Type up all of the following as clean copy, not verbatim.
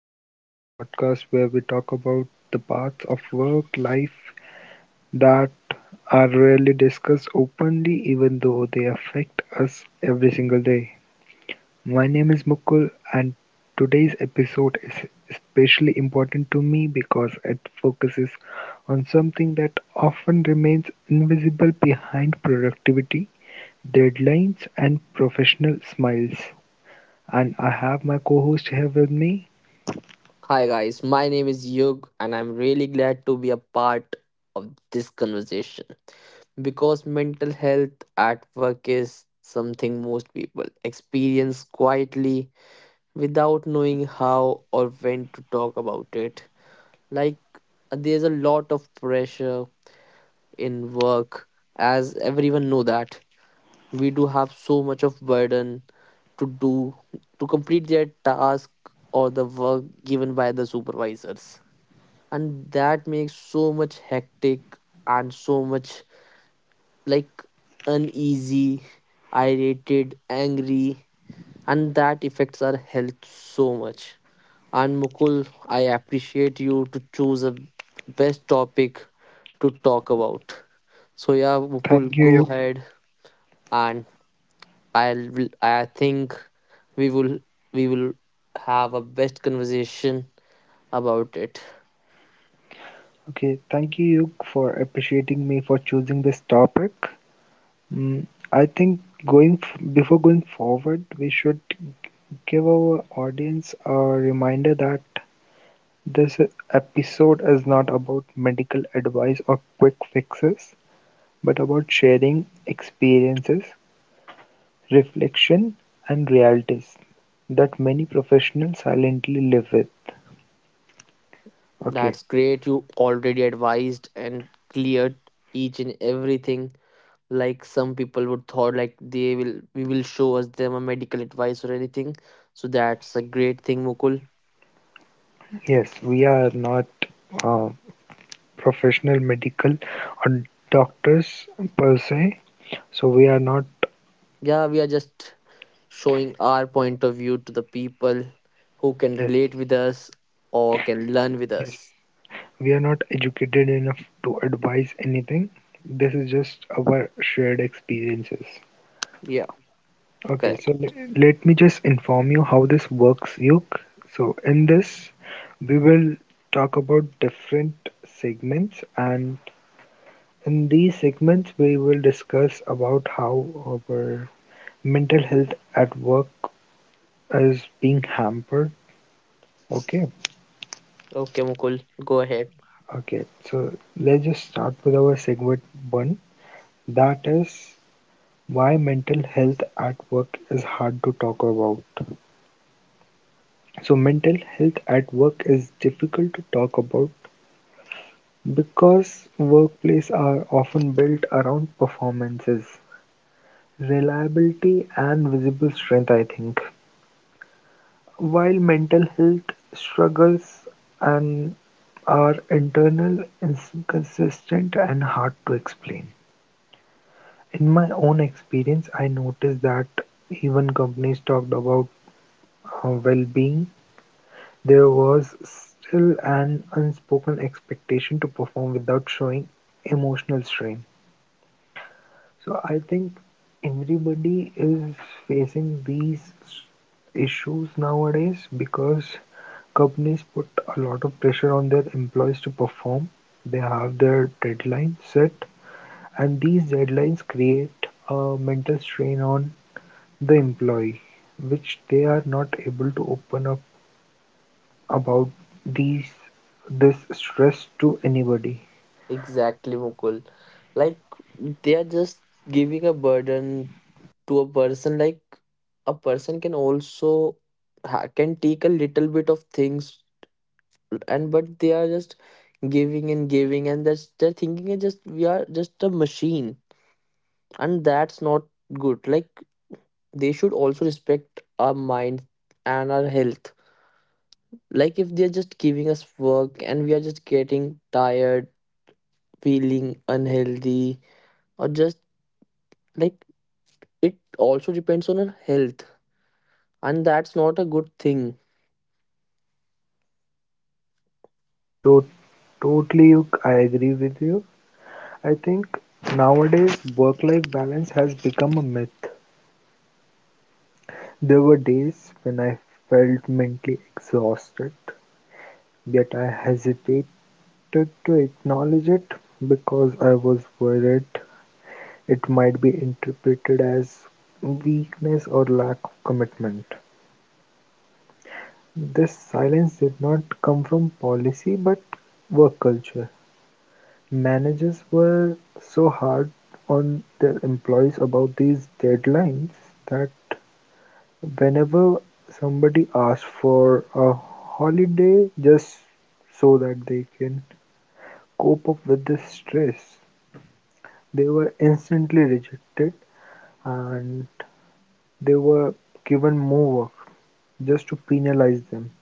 Hours, a podcast where we talk about the parts of work life that are rarely discussed openly, even though they affect us every single day. My name is Mukul, and today's episode is especially important to me because it focuses on something that often remains invisible behind productivity, deadlines, and professional smiles. And I have my co host here with me. Hi guys, my name is Yug and I'm really glad to be a part of this conversation because mental health at work is something most people experience quietly without knowing how or when to talk about it. Like there's a lot of pressure in work as everyone know that we do have so much of burden to do to complete their task or the work given by the supervisors, and that makes so much hectic and so much like uneasy, irritated, angry, and that affects our health so much. And Mukul, I appreciate you to choose a best topic to talk about. So yeah, Thank Mukul, you, go Yuk. ahead. And I think we will we will have a best conversation about it. Okay, thank you, Yuk, for appreciating me for choosing this topic. Mm, I think going f before going forward, we should give our audience a reminder that this episode is not about medical advice or quick fixes, but about sharing experiences, reflection, and realities that many professionals silently live with. Okay, That's great. You already advised and cleared each and everything. Like some people would thought like they will we will show us them a medical advice or anything. So that's a great thing, Mukul. yes, we are not uh, professional medical or doctors per se, so we are not. Yeah, we are just showing our point of view to the people who can Yes, relate with us or can learn with yes, us. we are not educated enough to advise anything. This is just our shared experiences. Yeah, Okay, correct. so let me just inform you how this works, Yuk. So, in this, we will talk about different segments, and in these segments, we will discuss about how our mental health at work is being hampered. Okay, Okay, Mukul, go ahead. okay. So let's just start with our segment one. That is why mental health at work is hard to talk about. So mental health at work is difficult to talk about because workplaces are often built around performances, reliability, and visible strength, I think. While mental health struggles and are internal, inconsistent, and hard to explain. In my own experience, I noticed that even companies talked about well-being, there was still an unspoken expectation to perform without showing emotional strain. So I think everybody is facing these issues nowadays because companies put a lot of pressure on their employees to perform. They have their deadlines set, and these deadlines create a mental strain on the employee, which they are not able to open up about these this stress to anybody. Exactly, Mukul. Like they are just giving a burden to a person. Like a person can also can take a little bit of things, and but they are just giving and giving, and that's they're thinking it just we are just a machine, and that's not good. Like they should also respect our mind and our health. Like if they're just giving us work and we are just getting tired, feeling unhealthy, or just like it also depends on her health, and that's not a good thing. To- Totally, I agree with you. I think nowadays work-life balance has become a myth. There were days when I felt mentally exhausted, yet I hesitated to acknowledge it because I was worried it might be interpreted as weakness or lack of commitment. This silence did not come from policy but work culture. Managers were so hard on their employees about these deadlines that whenever somebody asked for a holiday just so that they can cope up with the stress, they were instantly rejected and they were given more work just to penalize them.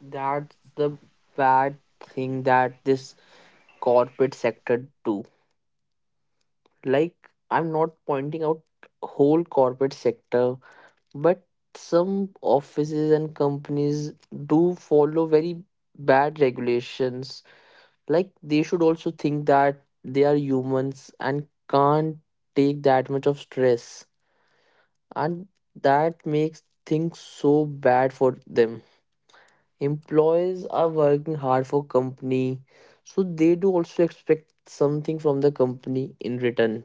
That's the bad thing that this corporate sector do. Like I'm not pointing out whole corporate sector, but some offices and companies do follow very bad regulations. Like they should also think that they are humans and can't take that much of stress, and that makes things so bad for them. Employees are working hard for company, so they do also expect something from the company in return.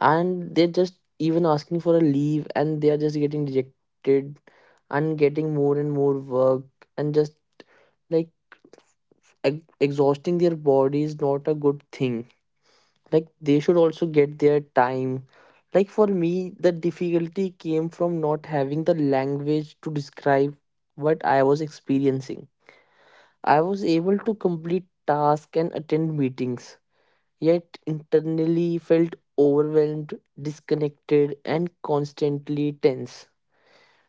And they're just even asking for a leave and they are just getting rejected and getting more and more work, and just like exhausting their body is not a good thing. Like they should also get their time. Like for me, the difficulty came from not having the language to describe what I was experiencing. I was able to complete tasks and attend meetings, yet internally felt overwhelmed, disconnected, and constantly tense.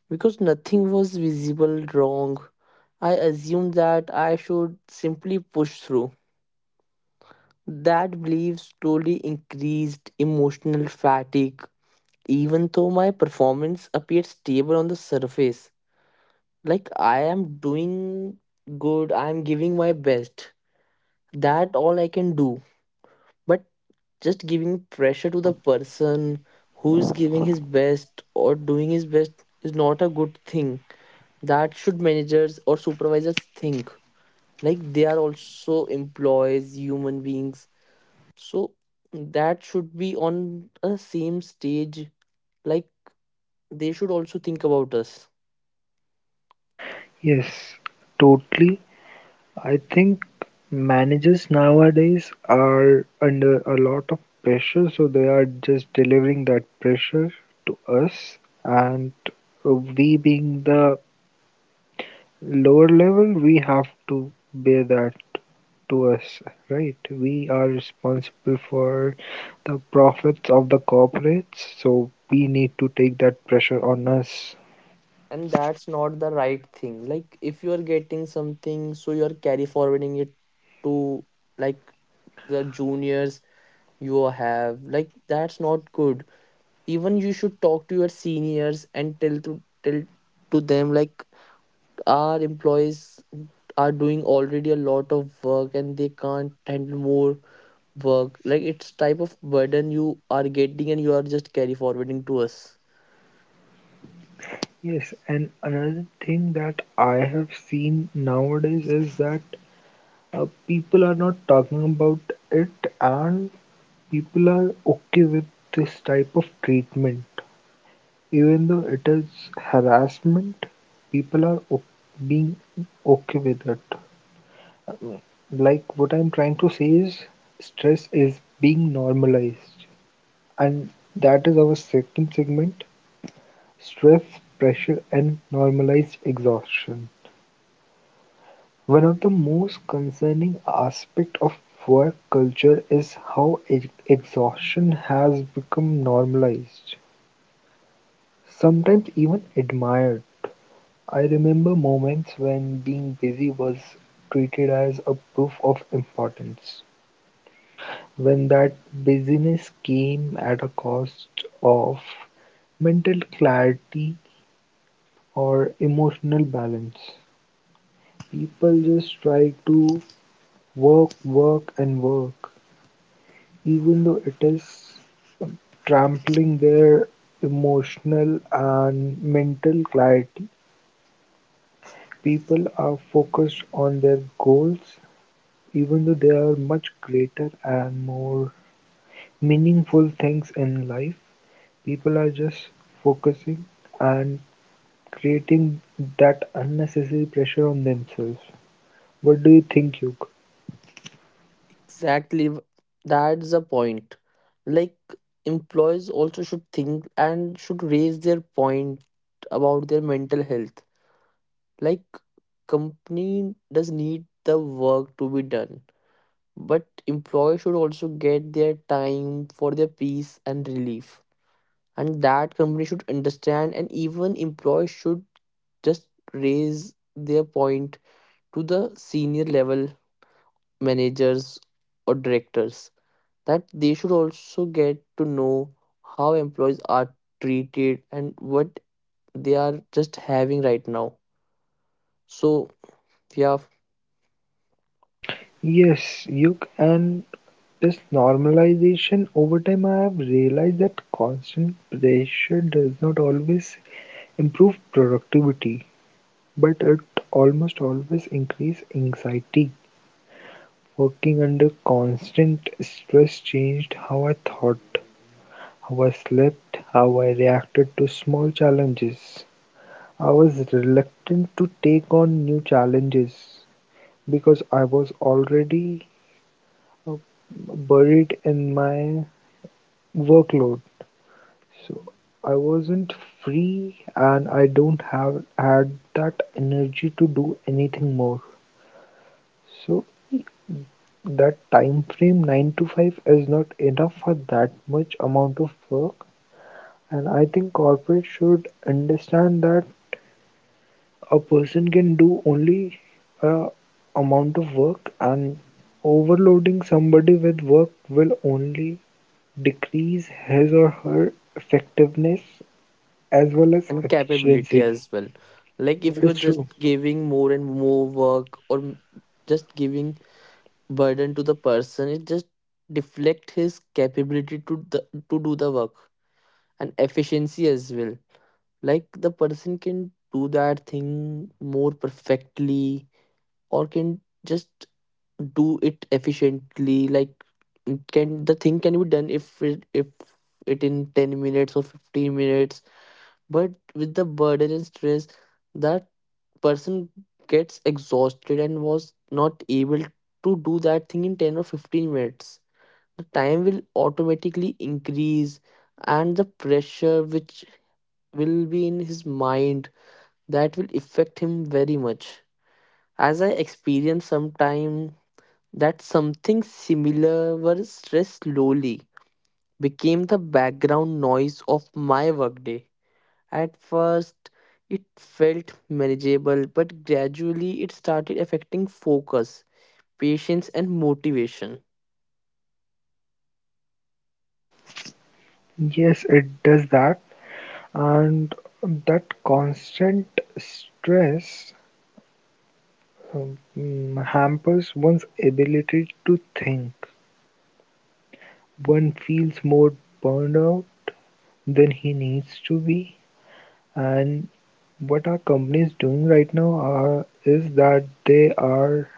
Because nothing was visible wrong, I assumed that I should simply push through. That belief slowly increased emotional fatigue, even though my performance appeared stable on the surface. Like I am doing good, I am giving my best. That all I can do, but just giving pressure to the person who's giving his best or doing his best is not a good thing. That should managers or supervisors think. Like they are also employees, human beings, so that should be on a same stage. Like they should also think about us. Yes, totally. I think managers nowadays are under a lot of pressure, so they are just delivering that pressure to us. And we, being the lower level, we have to bear that to us, right? We are responsible for the profits of the corporates, so we need to take that pressure on us. And that's not the right thing. Like if you are getting something, so you are carry forwarding it to like the juniors you have. Like that's not good. Even you should talk to your seniors and tell to them like our employees are doing already a lot of work and they can't handle more work. Like it's type of burden you are getting and you are just carry forwarding to us. Yes, and another thing that I have seen nowadays is that people are not talking about it and people are okay with this type of treatment even though it is harassment. People are being okay with it. Um, like what I'm trying to say is stress is being normalized, and that is our second segment: stress, pressure, and normalized exhaustion. One of the most concerning aspects of work culture is how exhaustion has become normalized, sometimes even admired. I remember moments when being busy was treated as a proof of importance, when that busyness came at a cost of mental clarity or emotional balance. People just try to work, work, and work even though it is trampling their emotional and mental clarity. People are focused on their goals, even though there are much greater and more meaningful things in life. People are just focusing and creating that unnecessary pressure on themselves. What do you think, Yug? Exactly. That's the point. Like employees also should think and should raise their point about their mental health. Like company does need the work to be done, but employees should also get their time for their peace and relief, and that company should understand. And even employees should just raise their point to the senior level managers or directors, that they should also get to know how employees are treated and what they are just having right now. So yeah. Yes, Yuk, and this normalization over time, I have realized that constant pressure does not always improve productivity, but it almost always increase anxiety. Working under constant stress changed how I thought, how I slept, how I reacted to small challenges. I was reluctant to take on new challenges because I was already uh, buried in my workload. So I wasn't free and I don't have had that energy to do anything more. So that time frame 9 to 5 is not enough for that much amount of work, and I think corporate should understand that a person can do only a amount of work and overloading somebody with work will only decrease his or her effectiveness as well as And capability efficiency. as well. Like That if is you're just true. giving more and more work, or just giving burden to the person, it just deflect his capability to to do the work, and efficiency as well. Like the person can do that thing more perfectly, or can just do it efficiently. Like it can the thing can be done if it in 10 minutes or 15 minutes, but with the burden and stress that person gets exhausted and was not able to do that thing in 10 or 15 minutes. The time will automatically increase, and the pressure which will be in his mind, that will affect him very much. As I experienced sometime that something similar, where stress slowly became the background noise of my workday. At first, it felt manageable, but gradually it started affecting focus, patience, and motivation. Yes, it does that. And that constant stress um, hampers one's ability to think. One feels more burned out than he needs to be. And what our companies doing right now are, is that they are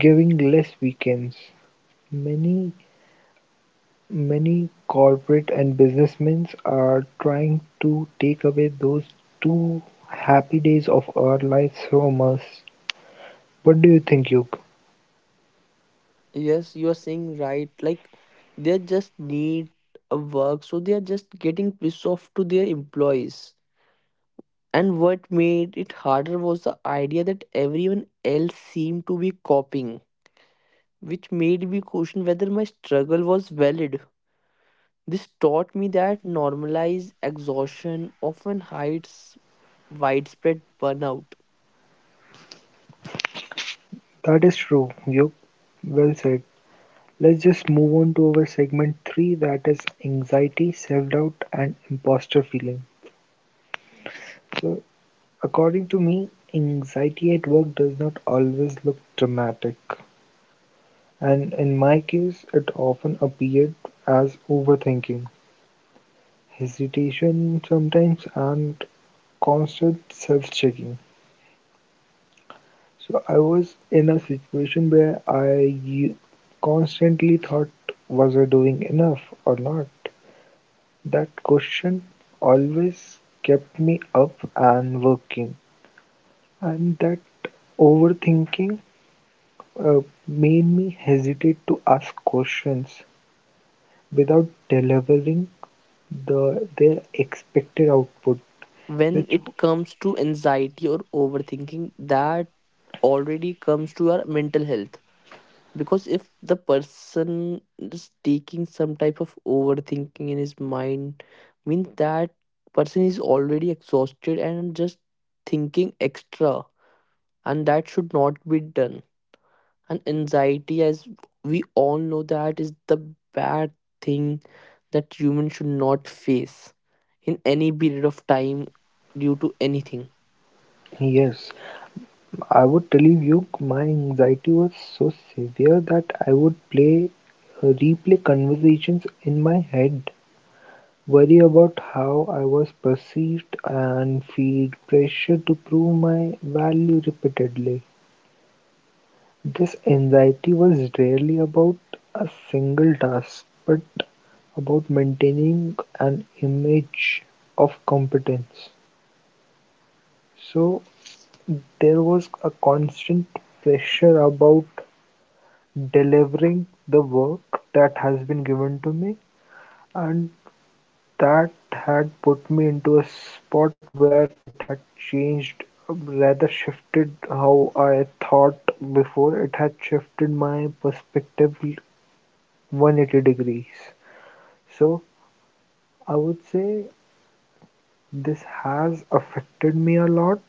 giving less weekends. Many Many corporate and businessmen are trying to take away those two happy days of our lives from us. What do you think, Yug? Yes, you are saying right. Like they just need a work, so they are just getting pissed off to their employees. And what made it harder was the idea that everyone else seemed to be copying, which made me question whether my struggle was valid. This taught me that normalized exhaustion often hides widespread burnout. That is true, Yug. Well said. Let's just move on to our segment 3 that is anxiety, self doubt, and imposter feeling. So, according to me, anxiety at work does not always look dramatic, and in my case, it often appeared as overthinking, hesitation sometimes, and constant self-checking. So I was in a situation where constantly thought, was I doing enough or not? That question always kept me up and working, and that overthinking uh, made me hesitate to ask questions without delivering their expected output, When which it comes to anxiety or overthinking, that already comes to our mental health, because if the person is taking some type of overthinking in his mind means that person is already exhausted and just thinking extra, and that should not be done. And anxiety, as we all know, that is the bad thing that humans should not face in any period of time due to anything. yes I would tell you my anxiety was so severe that I would play replay conversations in my head, worry about how I was perceived, and feel pressure to prove my value repeatedly. This anxiety was rarely about a single task, but about maintaining an image of competence. So there was a constant pressure about delivering the work that has been given to me, and that had put me into a spot where it had changed, rather shifted how I thought before. It had shifted my perspective 180 degrees. So I would say this has affected me a lot,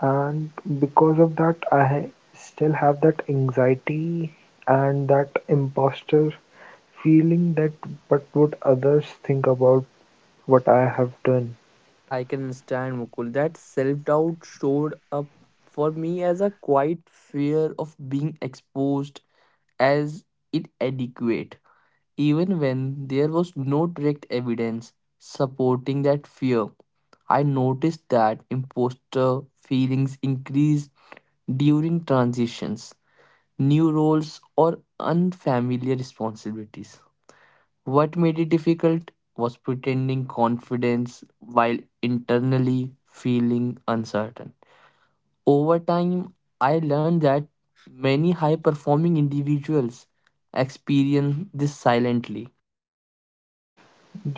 and because of that, I still have that anxiety and that imposter feeling that what would others think about what I have done? I can understand, Mukul, that self doubt showed up for me as a quiet fear of being exposed as inadequate, even when there was no direct evidence supporting that fear. I noticed that imposter feelings increased during transitions, new roles, or unfamiliar responsibilities. What made it difficult was pretending confidence while internally feeling uncertain. Over time, I learned that many high performing individuals experience this silently.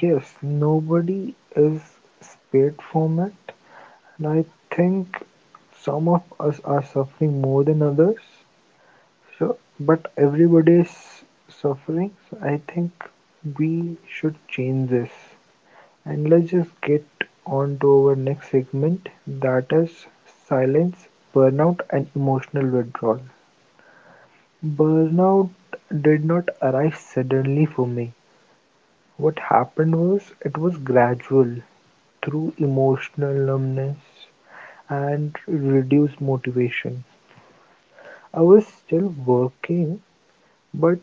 Yes, nobody is spared from it, and I think some of us are suffering more than others. So, but everybody is suffering. So I think we should change this. And let's just get on to our next segment that is silence, burnout, and emotional withdrawal. Burnout did not arrive suddenly for me; what happened was it was gradual, through emotional numbness and reduced motivation. I was still working, but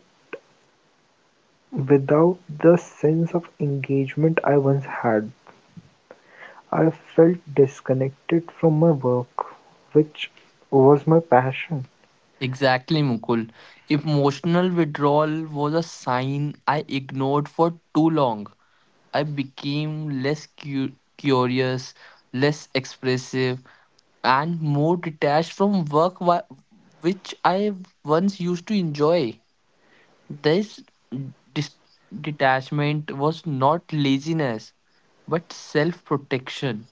without the sense of engagement I once had. I felt disconnected from my work, which was my passion. Exactly, Mukul. Emotional withdrawal was a sign I ignored for too long. I became less curious, less expressive, and more detached from work, which I once used to enjoy. This dis- detachment was not laziness, but self protection.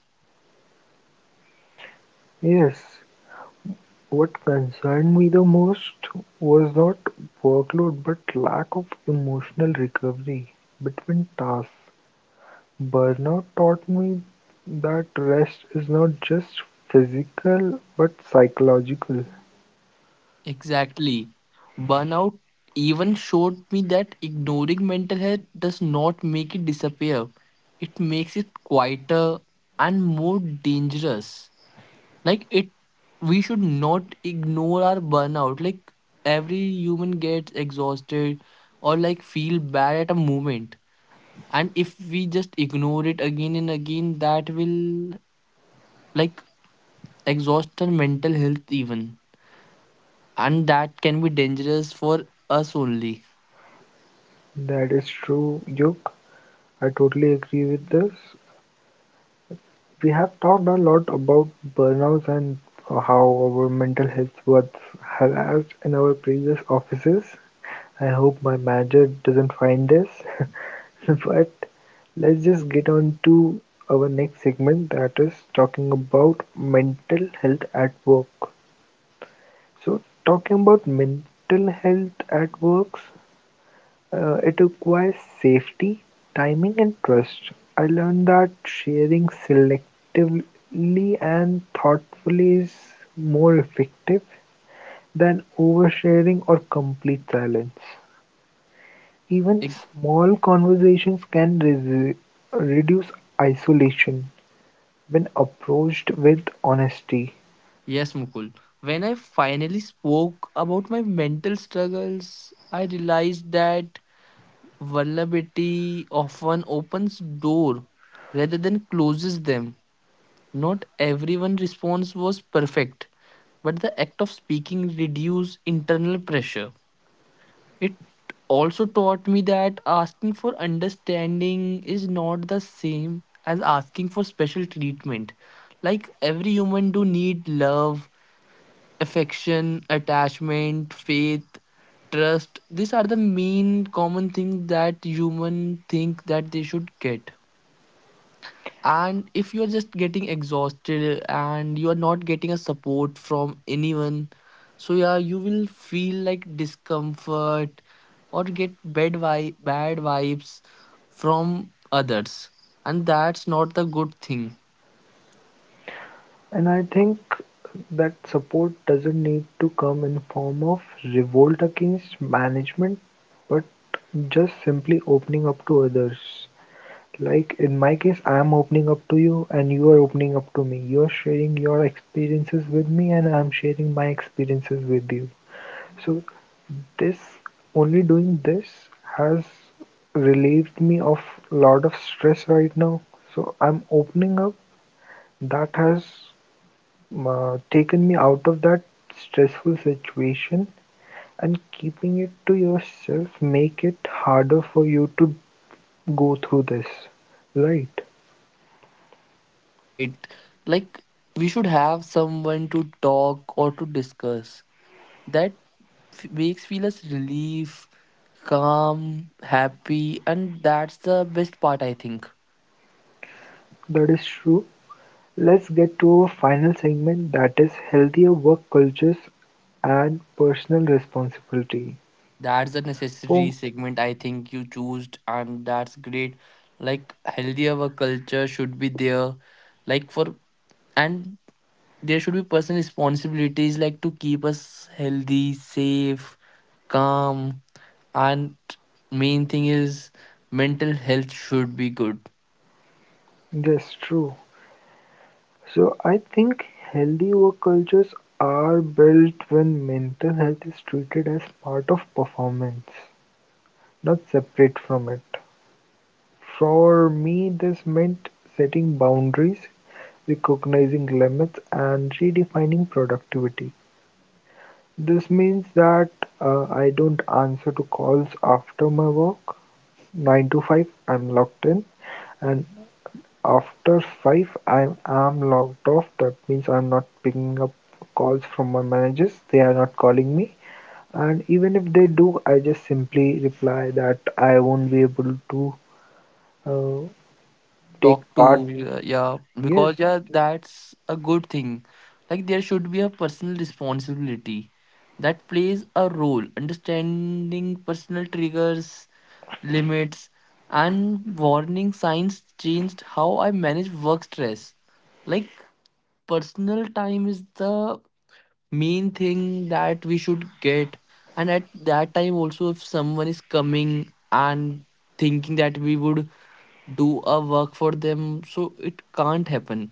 Yes. What concerned me the most was not workload but lack of emotional recovery between tasks. Burnout taught me that rest is not just physical but psychological. Exactly. Burnout even showed me that ignoring mental health does not make it disappear, it makes it quieter and more dangerous. Like it we should not ignore our burnout. Like every human gets exhausted or like feel bad at a moment, and if we just ignore it again and again, that will like exhaust our mental health even, and that can be dangerous for us only. That is true, Yuk. I totally agree with this. We have talked a lot about burnouts and how our mental health was harassed in our previous offices. I hope my manager doesn't find this. But let's just get on to our next segment that is talking about mental health at work. So, talking about mental health at works, it requires safety, timing, and trust. I learned that sharing selectively and thoughtfully is more effective than oversharing or complete silence. Even Ex- small conversations can reduce isolation when approached with honesty. yes, Mukul, when I finally spoke about my mental struggles, I realized that vulnerability often opens door rather than closes them. Not everyone response was perfect, but the act of speaking reduced internal pressure. It also taught me that asking for understanding is not the same as asking for special treatment. Like every human do need love, affection, attachment, faith, trust. These are the main common things that human think that they should get. And if you are just getting exhausted and you are not getting a support from anyone, so yeah, you will feel like discomfort or get bad vibes from others, and that's not the good thing, And I think that support doesn't need to come in form of revolt against management, but just simply opening up to others. Like in my case, I am opening up to you, and you are opening up to me. You are sharing your experiences with me, and I am sharing my experiences with you. So this, only doing this, has relieved me of a lot of stress right now. So I'm opening up. That has taken me out of that stressful situation, and keeping it to yourself make it harder for you to go through this. Right? right? Like we should have someone to talk or to discuss that makes feel us relief, calm, happy, and that's the best part I think. That is true. Let's get to our final segment that is healthier work cultures and personal responsibility. That's the necessary Oh, segment I think you chose, and that's great. Like healthy our culture should be there, like for, and there should be personal responsibilities, like to keep us healthy, safe, calm, and main thing is mental health should be good. yes, true. So I think healthy work cultures are built when mental health is treated as part of performance, not separate from it. For me, this meant setting boundaries, recognizing limits, and redefining productivity. This means that I don't answer to calls after my work. 9 to 5, I'm locked in. And after five I'm logged off. That means I'm not picking up calls from my managers. They are not calling me. And even if they do, I just simply reply that I won't be able to uh, Talk take part. to yeah, yeah, Yes, because yeah, that's a good thing. Like there should be a personal responsibility that plays a role understanding personal triggers, limits, and warning signs changed how I manage work stress. Like personal time is the main thing that we should get, and at that time also if someone is coming and thinking that we would do a work for them, so it can't happen.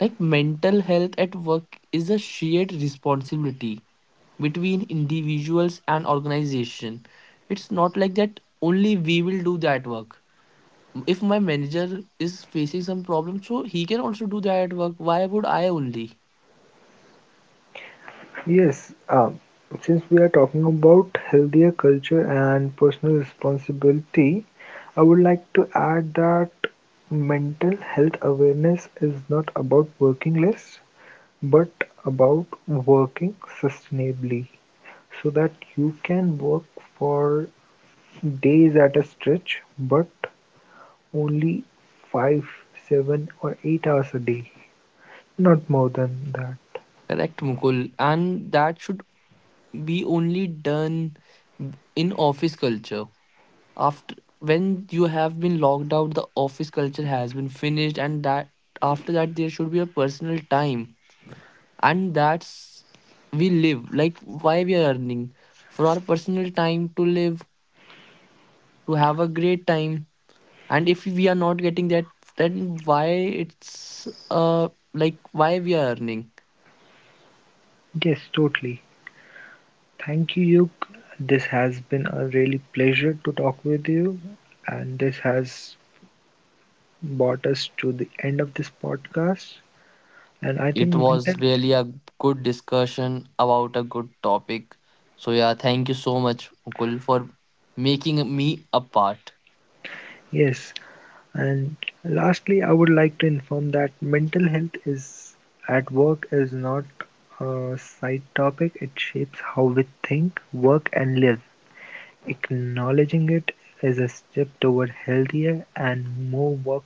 Like mental health at work is a shared responsibility between individuals and organization. It's not like that only we will do that work. If my manager is facing some problem, so he can also do that work. Why would I only? yes. Since we are talking about healthier culture and personal responsibility, I would like to add that mental health awareness is not about working less but about working sustainably so that you can work for days at a stretch, but only 5, 7, or 8 hours a day, not more than that. Correct, Mukul. And that should be only done in office culture. After when you have been logged out, the office culture has been finished, and that after that there should be a personal time, and that's we live. Like why we are earning? For our personal time to live, to have a great time. And if we are not getting that, then why, it's like why we are earning. Yes, totally. Thank you, Yug. This has been a really pleasure to talk with you, and this has brought us to the end of this podcast. And I It think mental, was really a good discussion about a good topic. So yeah, thank you so much, Mukul, for making me a part. yes, and lastly, I would like to inform that mental health is at work is not a side topic. It shapes how we think, work, and live. Acknowledging it is a step toward healthier and more work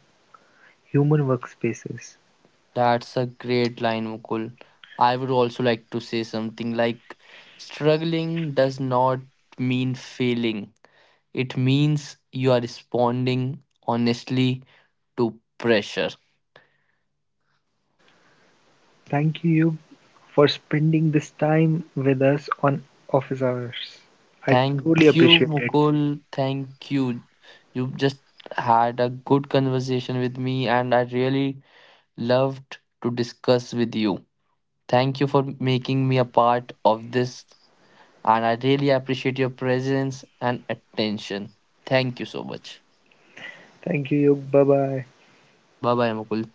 human workspaces. That's a great line, Mukul. I would also like to say something like struggling does not mean failing. It means you are responding honestly to pressure. Thank you for spending this time with us on Office Hours. I truly Thank you, appreciate it. Mukul. Thank you. You just had a good conversation with me, and I really loved to discuss with you. Thank you for making me a part of this. And I really appreciate your presence and attention. Thank you so much. Thank you. Bye bye. Bye bye, Mukul.